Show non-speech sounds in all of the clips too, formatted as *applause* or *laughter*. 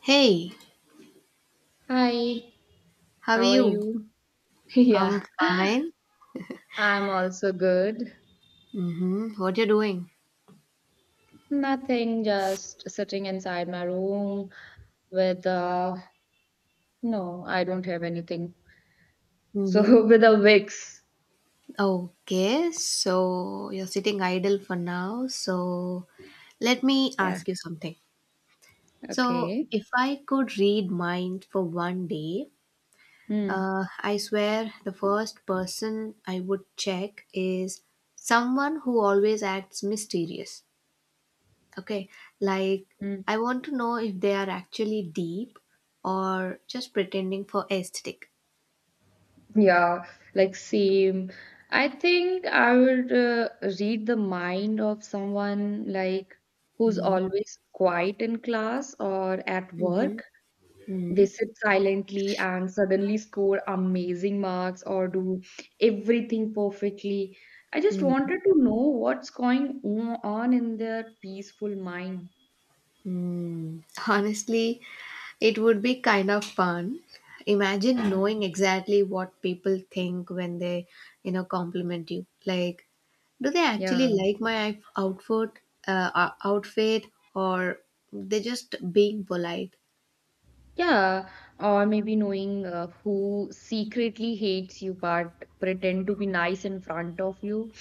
Hey, Hi, how are how are you? you? *laughs* Yeah, I'm fine. I'm also good. Mm-hmm. What you doing? Nothing, just sitting inside my room with no, I don't have anything. Mm-hmm. So *laughs* with a Vicks. Okay, so you're sitting idle for now. So let me Yeah, ask you something. So okay. if I could read mind for 1 day, Hmm. I swear the first person I would check is someone who always acts mysterious. Okay, like Hmm. I want to know if they are actually deep or just pretending for aesthetic. Yeah, like same. I think I would read the mind of someone like who's always quiet in class or at work. They sit silently and suddenly score amazing marks or do everything perfectly. I just wanted to know what's going on in their peaceful mind. Mhm. Honestly, it would be kind of fun. Imagine knowing Mm. exactly what people think when they, you know, compliment you. Like, do they Yeah, actually like my outfit, outfit, or they just being polite? yeah, or maybe knowing who secretly hates you but pretend to be nice in front of you.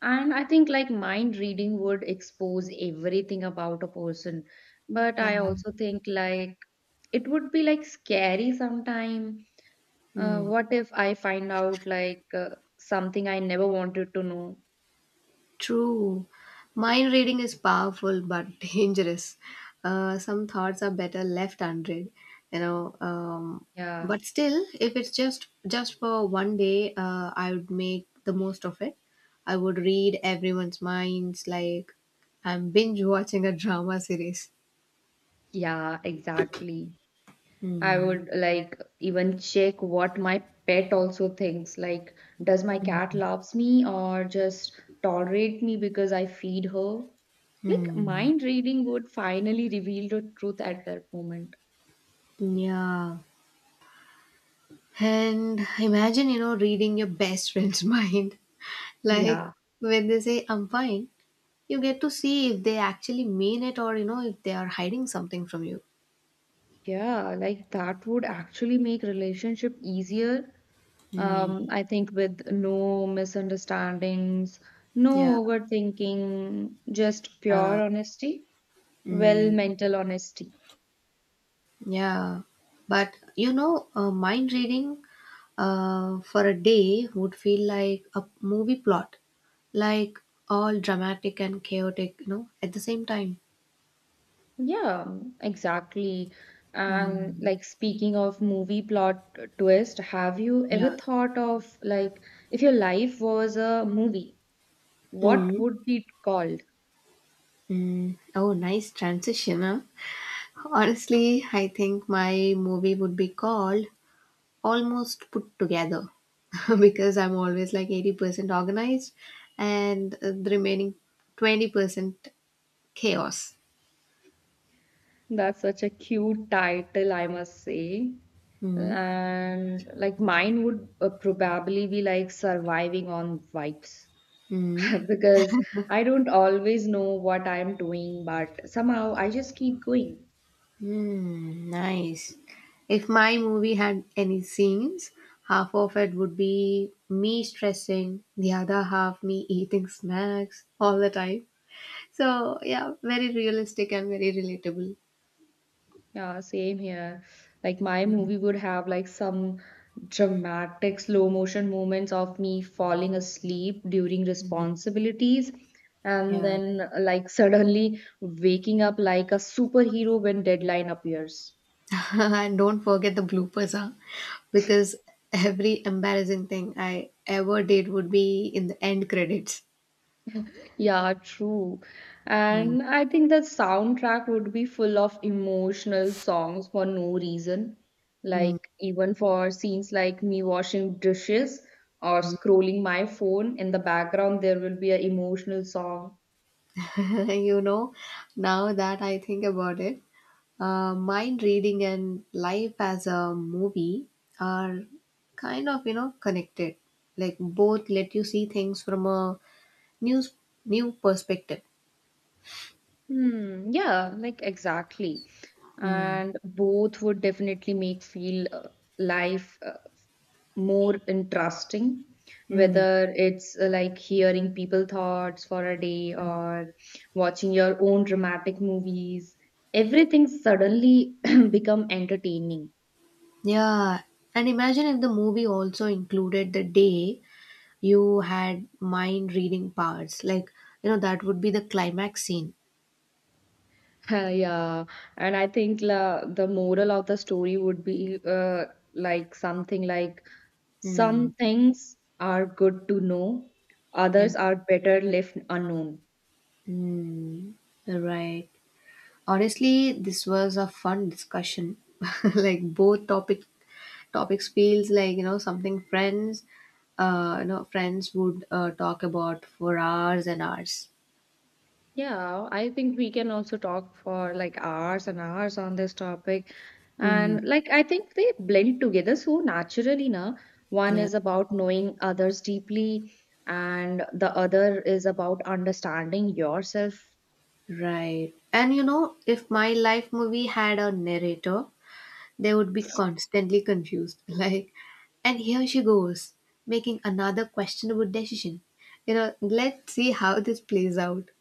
And I think like mind reading would expose everything about a person. But Yeah. I also think like it would be like scary sometime. What if I find out like something I never wanted to know? True. Mind reading is powerful but *laughs* dangerous. Some thoughts are better left unread, you know. Um, Yeah, but still, if it's just for 1 day, I would make the most of it. I would read everyone's minds like I'm binge watching a drama series. yeah, exactly. I Hmm. would like even check what my pet also thinks. Like, does my cat loves me or just tolerate me because I feed her? Like, Hmm. mind reading would finally reveal the truth at that moment. Yeah. And imagine, you know, reading your best friend's *laughs* mind. Like Yeah, when they say, I'm fine, you get to see if they actually mean it or, you know, if they are hiding something from you. yeah, like that would actually make relationship easier. Mm, I think with no misunderstandings, no yeah. overthinking, just pure Uh, honesty, well, mm, mental honesty. yeah. But, you know, mind reading for a day would feel like a movie plot, like all dramatic and chaotic, you know, at the same time. Yeah, exactly. And Mm, like speaking of movie plot twist, have you ever yeah. thought of like if your life was a movie, what Mm, would it called? mm. Oh, nice transition, huh? Honestly, I think my movie would be called almost put together *laughs* because I'm always like 80% organized and the remaining 20% chaos. That's such a cute title, I must say. Mm, And like mine would probably be like surviving on vibes. mm, *laughs* Because I don't always know what I'm doing, but somehow I just keep going. mm, nice. If my movie had any scenes, half of it would be me stressing, the other half me eating snacks all the time. So, yeah, very realistic and very relatable. Yeah, same here. Like my movie would have like some dramatic slow motion moments of me falling asleep during responsibilities and Yeah. then like suddenly waking up like a superhero when deadline appears. *laughs* And don't forget the bloopers, huh? Because every embarrassing thing I ever did would be in the end credits. Yeah, true. Mm. And I think the soundtrack would be full of emotional songs for no reason. Like, even for scenes like me washing dishes or scrolling my phone, in the background, there will be an emotional song. *laughs* You know, now that I think about it, mind reading and life as a movie are kind of, you know, connected. Like both let you see things from a new, new perspective. Hmm, yeah, like exactly. Mm. And both would definitely make feel life more interesting, Mm. whether it's like hearing people thoughts for a day or watching your own dramatic movies, everything suddenly *clears throat* become entertaining. *laughs* Yeah, and imagine if the movie also included the day you had mind reading powers, like you know, that would be the climax scene. Yeah, and I think the moral of the story would be like something like, some Hmm. things are good to know, Yeah. others are better left unknown. Hmm. Right, honestly this was a fun discussion *laughs* like both topics feels like, you know, something friends, friends would talk about for hours and hours. Yeah, I think we can also talk for like hours and hours on this topic. Hmm. And like I think they blend together so naturally now. One Yeah. is about knowing others deeply, and the other is about understanding yourself. Right, and you know, if my life movie had a narrator, they would be constantly confused. *laughs* Like, and here she goes, making another questionable decision. You know, let's see how this plays out.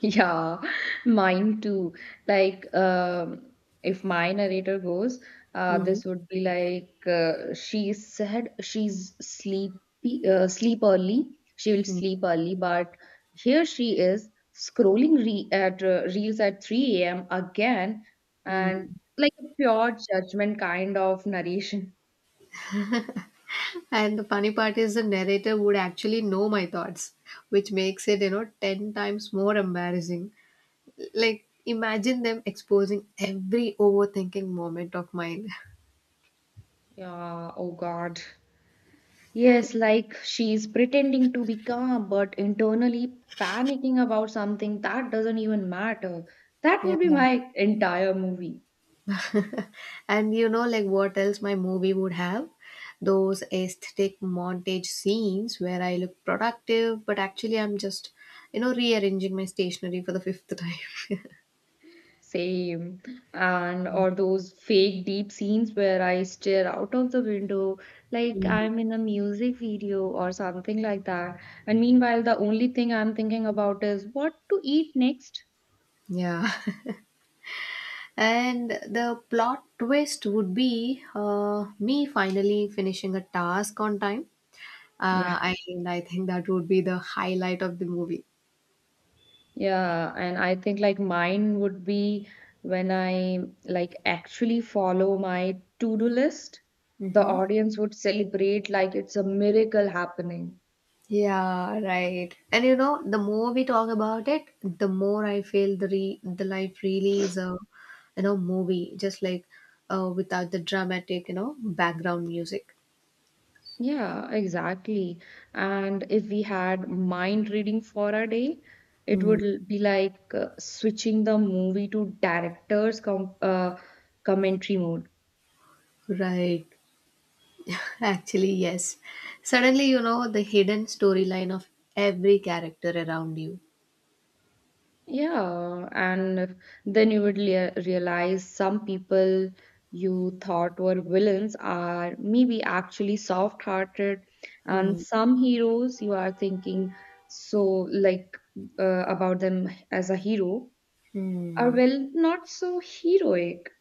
Yeah, *laughs* mine too. Like, if my narrator goes, Mhm. this would be like, she said she's sleepy, sleep early. She will sleep early, but here she is scrolling re at reels at 3 a.m. again, and Mhm. like a pure judgment kind of narration. And the funny part is the narrator would actually know my thoughts, which makes it, you know, 10 times more embarrassing. Like, imagine them exposing every overthinking moment of mine. *laughs* Yeah, oh God. Yes, like she's pretending to be calm, but internally panicking about something that doesn't even matter. That Yeah. would be my entire movie. And you know, like what else my movie would have? Those aesthetic montage scenes where I look productive, but actually I'm just, you know, rearranging my stationery for the fifth time. *laughs* Same. And or those fake deep scenes where I stare out of the window like Mm. I'm in a music video or something like that. And meanwhile, the only thing I'm thinking about is what to eat next. Yeah. *laughs* And the plot twist would be me finally finishing a task on time. Uh, Yeah. and I think that would be the highlight of the movie. Yeah, and I think like mine would be when I like actually follow my to-do list, the Hmm. audience would celebrate like it's a miracle happening. Yeah, right. And you know, the more we talk about it, the more I feel the life really is a, you know, movie, just like without the dramatic, you know, background music. Yeah, exactly. And if we had mind reading for a day, it Mm, would be like switching the movie to director's commentary mode. right. *laughs* Actually, yes. Suddenly, you know the hidden storyline of every character around you. Yeah, and then you would realize some people you thought were villains are maybe actually soft-hearted, and Mm. some heroes you are thinking so like about them as a hero are Hmm. well not so heroic.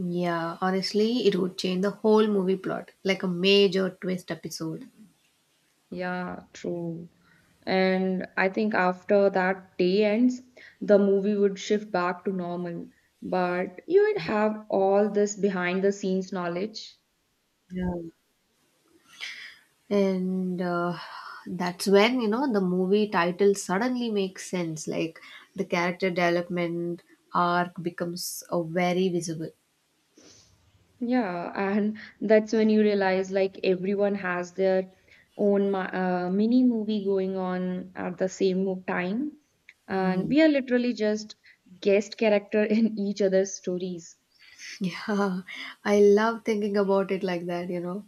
Yeah, honestly, it would change the whole movie plot, like a major twist episode. Yeah, true. And I think after that day ends, the movie would shift back to normal, but you would have all this behind the scenes knowledge. Yeah. and That's when you know the movie title suddenly makes sense, like the character development arc becomes very visible. Yeah, and that's when you realize like everyone has their own mini movie going on at the same time, and Mm. we are literally just guest character *laughs* in each other's stories. *laughs* Yeah, I love thinking about it like that, you know,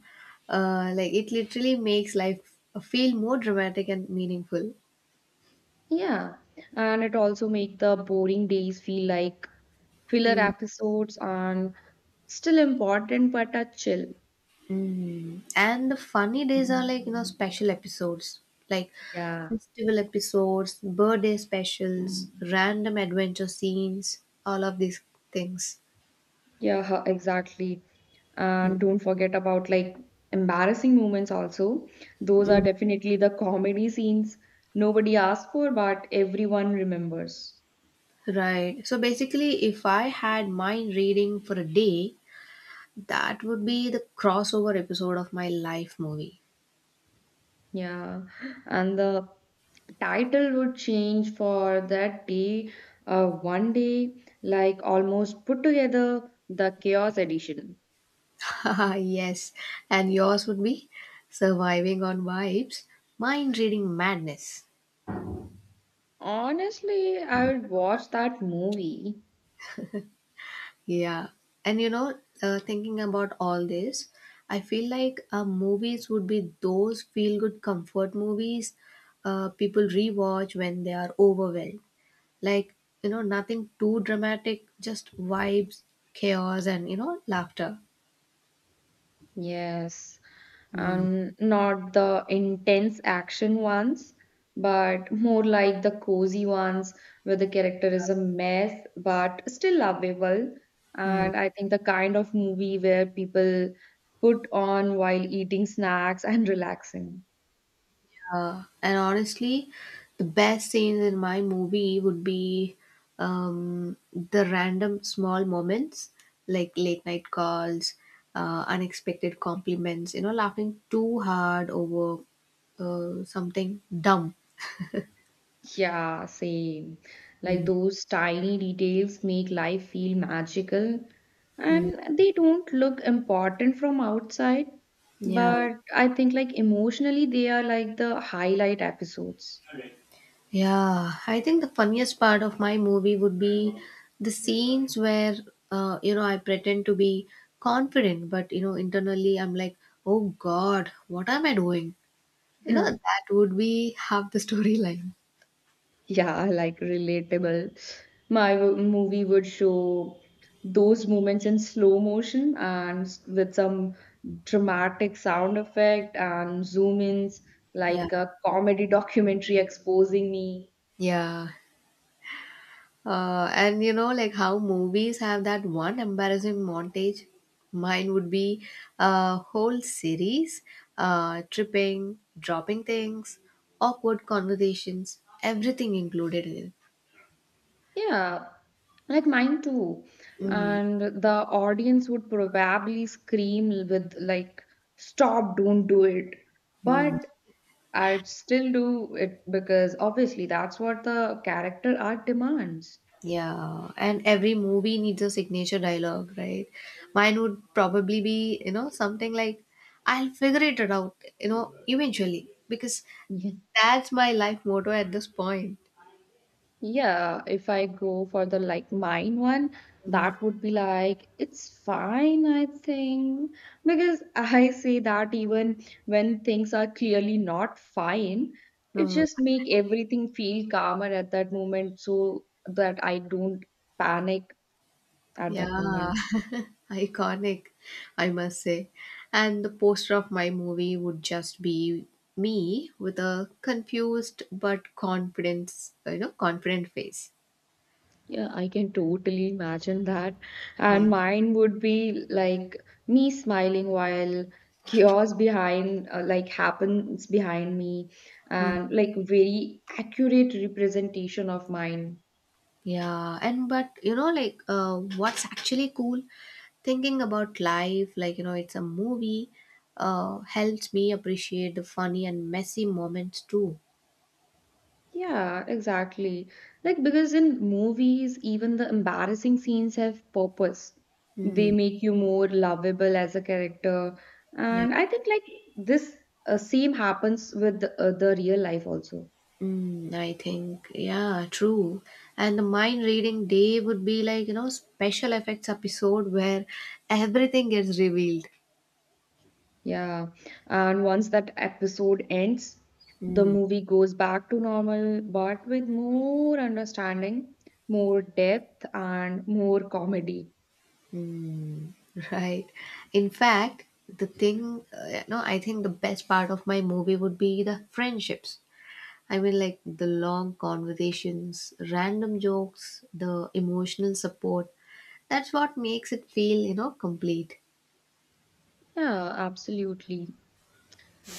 like it literally makes life feel more dramatic and meaningful. Yeah, and it also make the boring days feel like filler Mm. episodes and still important but a chill. Mm. And the funny days are like, you know, special episodes, like Yeah. festival episodes, birthday specials, random adventure scenes, all of these things. Yeah, huh, exactly. And don't forget about like embarrassing moments also. Those are definitely the comedy scenes nobody asked for, but everyone remembers. Right. So basically, if I had mind reading for a day, that would be the crossover episode of my life movie. Yeah. And the title would change for that day, one day, like almost put together the Chaos Edition. *laughs* Yes. And yours would be Surviving on Vibes, Mind Reading Madness. Honestly, I would watch that movie. Yeah. And you know, thinking about all this, I feel like movies would be those feel good comfort movies people rewatch when they are overwhelmed. Like, you know, nothing too dramatic, just vibes, chaos, and, you know, laughter. Yes. Mm. And not the intense action ones, but more like the cozy ones where the character is a mess but still lovable. And I think the kind of movie where people put on while eating snacks and *laughs* relaxing. And honestly, the best scenes in my movie would be the random small moments like late night calls, unexpected compliments, you know, laughing too hard over something dumb. Yeah, same. Like Mm, those tiny details make life feel magical mm. and they don't look important from outside, Yeah. but I think like emotionally they are like the highlight episodes. Yeah. I think the funniest part of my movie would be the scenes where, you know, I pretend to be confident, but, you know, internally I'm like, oh God, what am I doing? You know, *laughs* that would be half the storyline. Yeah, like relatable. My movie would show those moments in slow motion and with some dramatic sound effect and zoom ins, Yeah. like a comedy documentary *laughs* exposing me. Yeah. And you know, like how movies have that one embarrassing montage. Mine would be a whole series, tripping, dropping things, awkward conversations, everything included in it. Yeah, like mine too. Mm, And the audience would probably scream with like, stop, don't do it. mm, But I'd still do it because obviously that's what the character art demands. yeah. And every movie needs a signature dialogue, right? Mine would probably be, you know, something like, I'll figure it out, you know, eventually. Because *laughs* that's my life motto at this point. Yeah, if I go for the like mine one, Mhm. that would be like it's fine, I think, because *laughs* I say that even when things are clearly not fine, it Uh, just make everything feel calmer at that moment so that I don't panic at that yeah, moment. *laughs* iconic, I must say. And the poster of my movie would just be me with a confused but confidence, you know, confident face. Yeah, I can totally imagine that. Yeah. And mine would be like me smiling while chaos behind, like happens behind me, Mm. and like very accurate representation of mine. Yeah, and but you know, like, what's actually cool thinking about life, like, you know, it's a movie, helps me appreciate the funny and messy moments too. Yeah, exactly. Like, because in movies, even the embarrassing scenes have purpose. They Mm. make you more lovable as a character. And I think like this same happens with the real life also. Mm, I think, yeah, true. And the mind reading day would be like, you know, special effects episode where everything gets revealed. Yeah, and once that episode ends, the Mm, movie goes back to normal, but with more understanding, more depth, and more comedy. mm, *laughs* right. In fact, the thing, no, I think the best part of my movie would be the friendships. I mean, like the long conversations, random jokes, the emotional support. That's what makes it feel, you know, complete. Yeah, absolutely.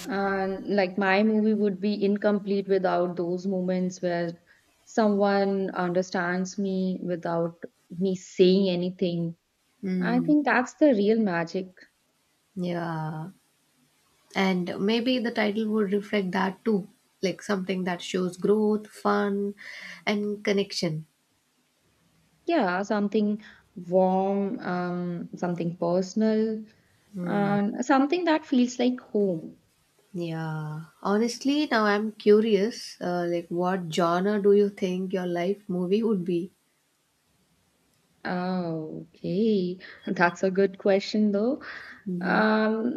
And like my movie would be incomplete without those moments where someone understands me without me saying anything. I Mm, think that's the real magic. yeah. And maybe the title would reflect that too, like something that shows growth, fun, and connection. Yeah, something warm, something personal, Hmm. and something that feels like home. Yeah, honestly, now I'm curious. Like, what genre do you think your life movie would be? Oh, okay. That's a good question, though. Hmm. Um,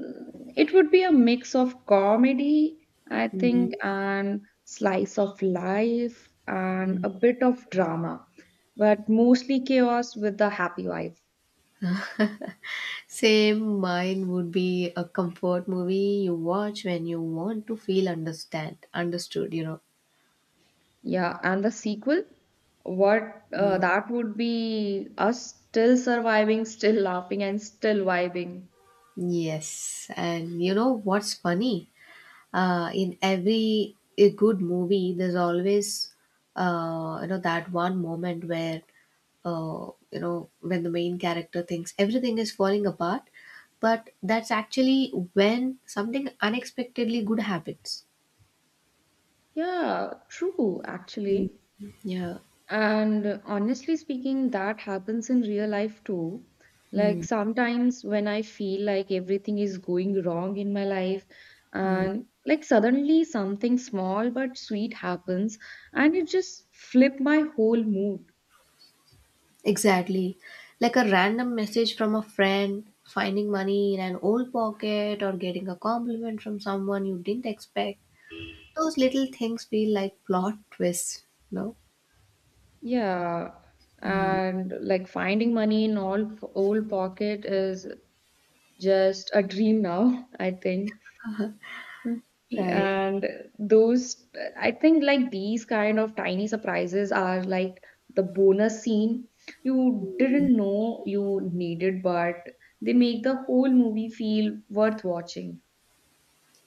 it would be a mix of comedy, I Hmm. think, and slice of life, and a bit of drama, but mostly chaos with the happy vibe. Same, mine would be a comfort movie you watch when you want to feel understand understood. You know. Yeah, and the sequel, what Mm. that would be us still surviving, still laughing, and still vibing. Yes, and you know what's funny? In every a good movie there's always, you know, that one moment where, you know, when the main character thinks everything is falling apart, but that's actually when something unexpectedly good happens. Yeah, true, Mm, actually. yeah. And honestly speaking, that happens in real life too. Like Mm, sometimes when I feel like everything is going wrong in my life, mm. and like suddenly something small but sweet happens, and it just flipped my whole mood. Exactly, like a random message from a friend, finding money in an old pocket, or getting a compliment from someone you didn't expect. Those little things feel like plot twists, no? Yeah, Mm. and like finding money in all old pocket is just a dream now, *laughs* I think. Mm. Right. And those, I think like these kind of tiny surprises are like the bonus scene you didn't know you needed, but they make the whole movie feel worth watching.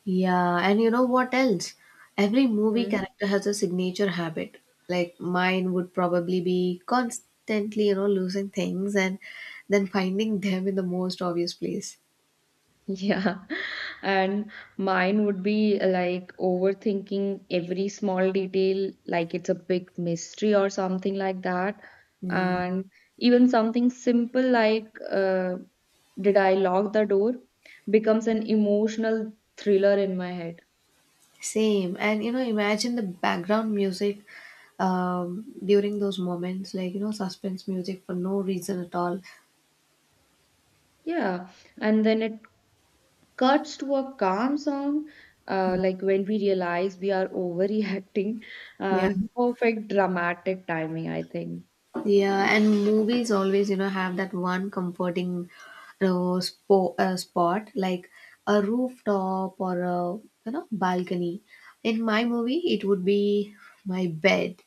Yeah. And you know what else? Every movie Hmm? character has a signature habit. Like mine would probably be constantly, you know, losing things and then finding *laughs* them in the most obvious place. Yeah, *laughs* and mine would be like overthinking every small detail, like it's a big mystery or something like that. Mm. And even something simple like, did I lock the door becomes an emotional thriller in my head. Same. And you know, imagine the background music during those moments, like, you know, suspense music for no reason at all. Yeah, and then it cuts to a calm song, like when we realize we are *laughs* overreacting Yeah. and perfect dramatic timing, I think. Yeah, and movies always, you know, have that one comforting uh, spot, like a rooftop or a, you know, balcony. In my movie, it would be my bed.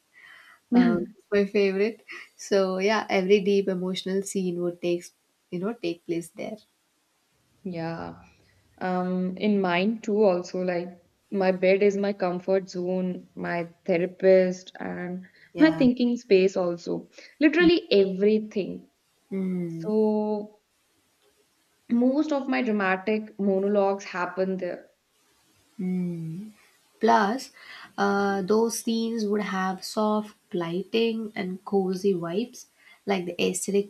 *laughs* *laughs* It's my favorite. So yeah, every deep emotional scene would take place there. Yeah. In mine too, also, like my bed is my comfort zone, my therapist, and my Yeah. thinking space, also. Literally everything. Mm. So, most of my dramatic monologues happen there. Mm. Plus, those scenes would have soft lighting and cozy vibes, like the aesthetic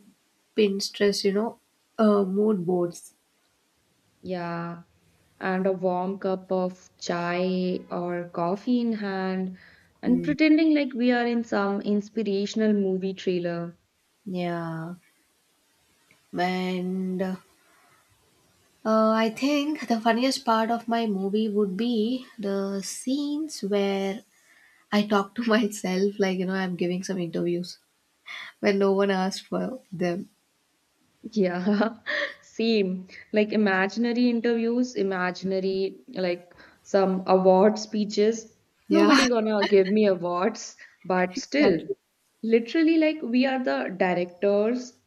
Pinterest, you know, mood boards. Yeah. And a warm cup of chai or coffee in hand, and Mm. pretending like we are in some inspirational movie trailer. Yeah, and I think the funniest part of my movie would be the scenes where I talk to *laughs* myself, like you know, I'm giving some interviews when no one asked for them. Yeah, *laughs* same. Like imaginary interviews, imaginary like some award speeches. Yeah, Nobody gonna give me awards, but *laughs* still, exactly. literally like we are the directors,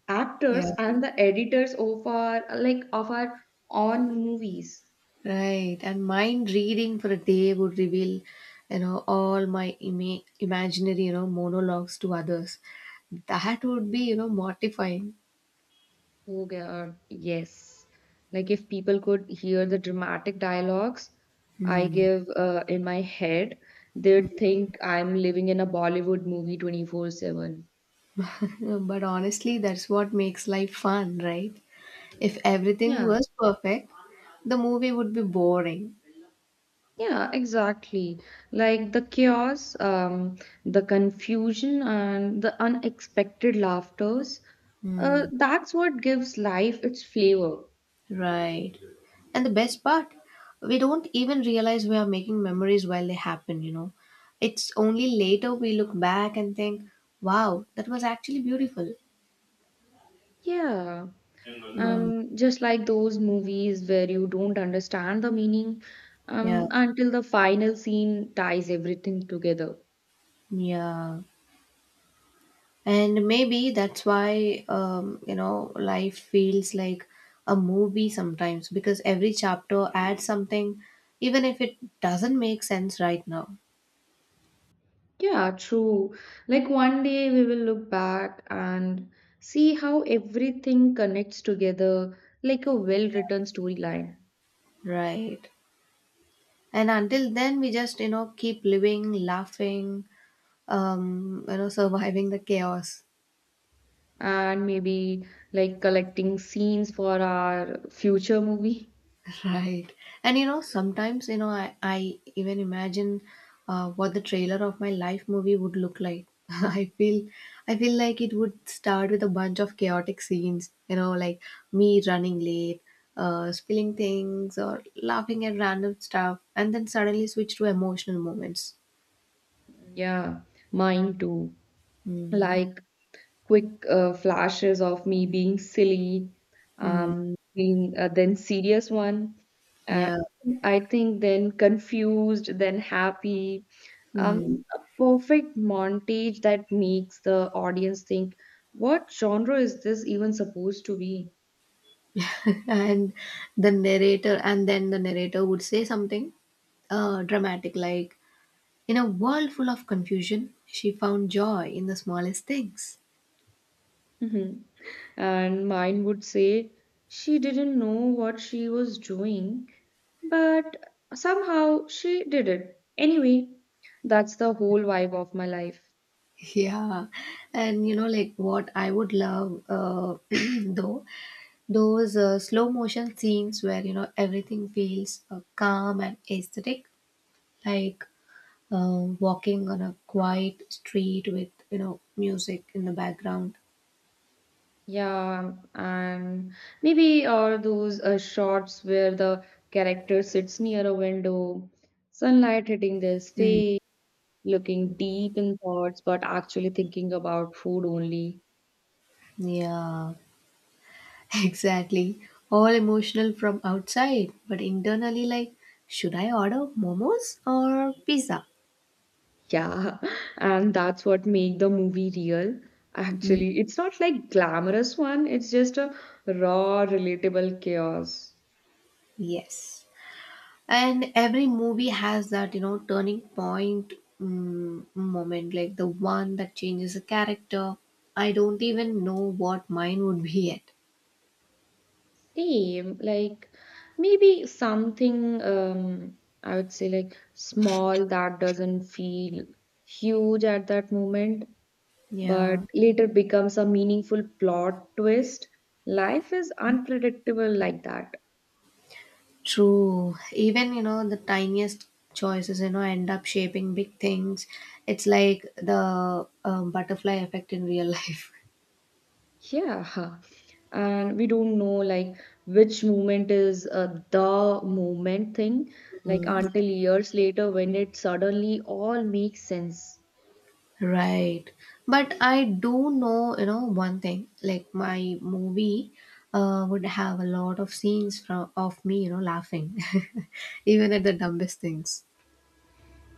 Yeah. actors, and the editors of our like of our own movies. Right, and mind reading for a day would reveal, you know, all my imaginary, you know, monologues to others. That would be, you know, mortifying. Oh God, yes. Like if people could hear the dramatic dialogues I Hmm. give in my head, they'd think I'm living in a Bollywood movie 24/7. *laughs* But honestly, that's what makes life fun, right? If everything Yeah, was perfect, the movie would be boring. yeah, exactly. Like the chaos, the confusion, and the unexpected laughters. Hmm. That's what gives life its flavor. Right. And the best part, we don't even realize we are making memories while they happen, you know. It's only later we look back and think, wow, that was actually beautiful. Yeah. Mm. Just like those movies where you don't understand the meaning Yeah, until the final scene ties everything together. yeah. And maybe that's why, you know, life feels like a movie sometimes, because every chapter adds something, even if it doesn't make sense right now. Yeah, true. Like one day we will look back and see how everything connects together like a well-written storyline, Right. And until then, we just, you know, keep living, laughing, you know, *laughs* surviving the chaos. and maybe like collecting scenes for our future movie. Right. And you know, sometimes, you know, I even imagine what the trailer of my life movie would look like. *laughs* I feel like it would start with a bunch of chaotic scenes, you know, like me running late, spilling things, or laughing at random stuff and then suddenly switch to emotional moments. Yeah, mine too. Mm. Like quick flashes of me being silly, Mm. Being then serious one. Uh, Yeah. I think then confused, then happy. Mm. A perfect montage that makes the audience think, what genre is this even supposed to be? *laughs* and and then the narrator would say something dramatic like, in a world full of confusion, she found joy in the smallest things. Mhm. And mine would say, she didn't know what she was doing, but somehow she did it. Anyway, that's the whole vibe of my life. *laughs* Yeah, and you know, like what I would love, *clears throat* though, those slow motion scenes where you know everything feels calm and aesthetic, like walking on a quiet street with, you know, music in the background. Yeah, and maybe or those shots where the character sits near a window, sunlight hitting their Mm, face, looking deep in thoughts, but actually thinking about food only. yeah, *laughs* exactly. All emotional from outside, but internally, like, should I order momos or pizza? Yeah, *laughs* and that's what make the movie real. Mm. Actually, it's not like glamorous one, it's just a raw, relatable chaos. Yes. And every movie has that, you know, turning point, mm, moment, like the one that changes a character. I don't even know what mine would be yet. Same, like maybe something um, I would say like small that doesn't feel huge at that moment, but Yeah, later becomes a meaningful plot twist. Life is unpredictable like that. true. Even, you know, the tiniest choices, you know, end up shaping big things. It's like the butterfly effect in real life. Yeah. And we don't know like which moment is the moment thing, like *laughs* until years later when it suddenly all makes sense. Right. But I do know, you know, one thing, like my movie would have a lot of scenes from of me, you know, laughing, *laughs* even at the dumbest things.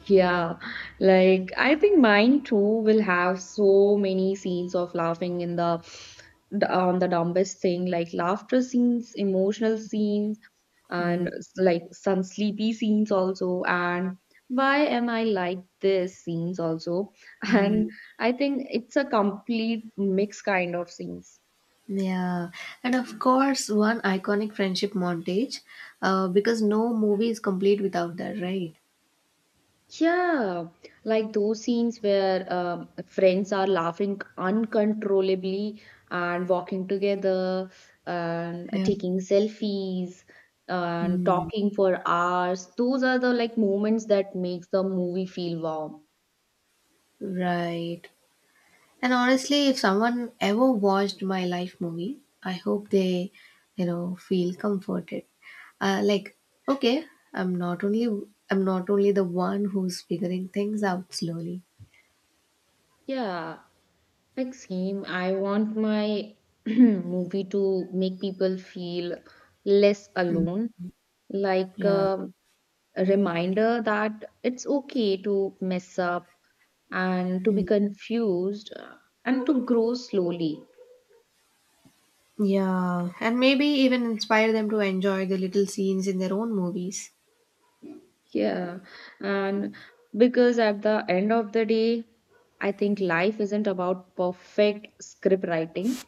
Yeah, like I think mine too will have so many scenes of laughing in the on the dumbest thing, like laughter scenes, emotional scenes, and Mm. Like some sleepy scenes also, and why am I like this scenes also, *laughs* Mm. and I think it's a complete mix kind of scenes. Yeah. And of course, one iconic friendship montage, because no movie is complete without that, right? Yeah, like those scenes where friends are laughing uncontrollably and walking together and Yeah. taking selfies and Mm, talking for hours. Those are the like moments that makes the movie feel warm. right. And honestly, if someone ever watched my life movie, I hope they, you know, feel comforted. Like, okay, I'm not only I'm not only the one who's figuring things out slowly. Yeah. Like same, I want my *clears throat* movie to make people feel less Mm, alone, like yeah. A reminder that it's okay to mess up and to be Mm, confused and to grow slowly. yeah. And maybe even inspire them to enjoy the little scenes in their own movies. Yeah, and because at the end of the day, I think life isn't about perfect script writing.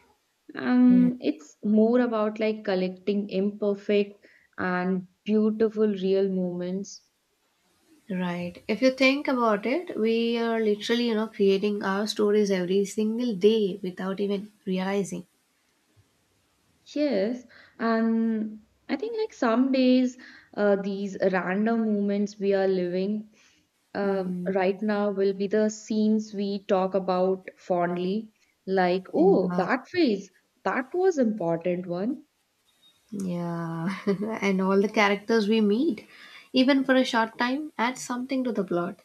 It's more about like collecting imperfect and beautiful real moments. Right. If you think about it, we are literally, you know, creating our stories every single day without even realizing. Yes, and I think like some days these random moments we are living uh, Mm, right now will be the scenes we talk about fondly, like, oh, yeah. that phase, that was important one. Yeah, *laughs* and all the characters we meet, even for a short time, add something to the plot.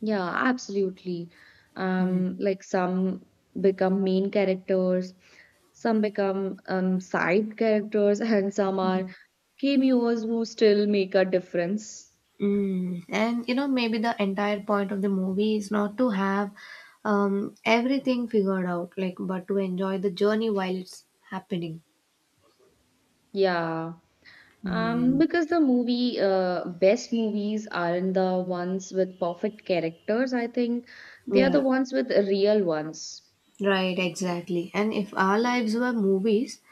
Yeah, absolutely. Like some become main characters, some become side characters, *laughs* and some are cameos who still make a difference. Mm. And you know, maybe the entire point of the movie is not to have everything figured out, like, but to enjoy the journey while it's happening. Yeah. Mm. Because the movie, best movies aren't the ones with perfect characters, I think. They are the Yeah, ones with real ones. right, exactly. And if our lives were movies,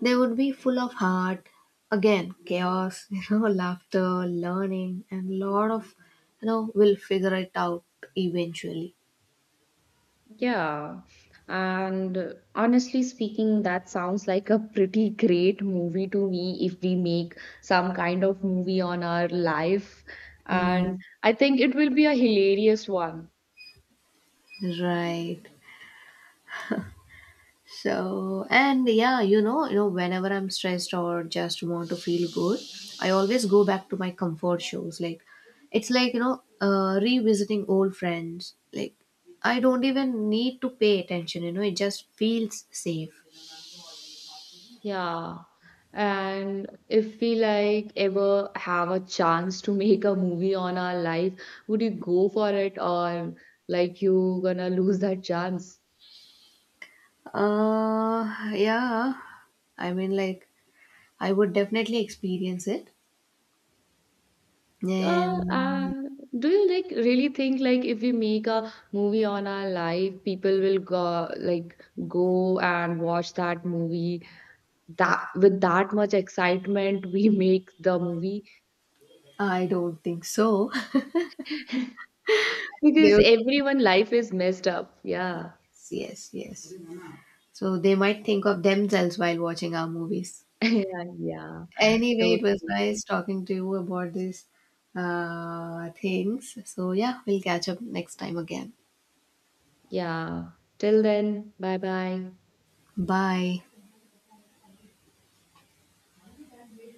they would be full of heart, again, chaos, *laughs* you know, laughter, learning, and lot of, you know, we'll figure it out eventually. Yeah, and honestly speaking, that sounds like a pretty great movie to me if we make some kind of movie on our life. Mm, And I think it will be a hilarious one. right. So, and yeah, you know, whenever I'm stressed or just want to feel good, I always go back to my comfort shows. Like, it's like, you know, revisiting old friends. Like, I don't even need to pay attention, you know, it just feels safe. Yeah. And if we like ever have a chance to make a movie on our life, would you go for it or like you gonna lose that chance? Yeah. I mean, like, I would definitely experience it. And And do you like really think like if we make a movie on our life, people will go like go and watch that movie that with that much excitement we *laughs* make the movie I don't think so. *laughs* *laughs* because There- everyone life is messed up. Yeah. Yes, yes. So they might think of themselves while watching our movies. *laughs* Yeah, yeah. Anyway, Totally. it was nice talking to you about these things. So, yeah, we'll catch up next time again. Yeah. Till then, bye bye. Bye.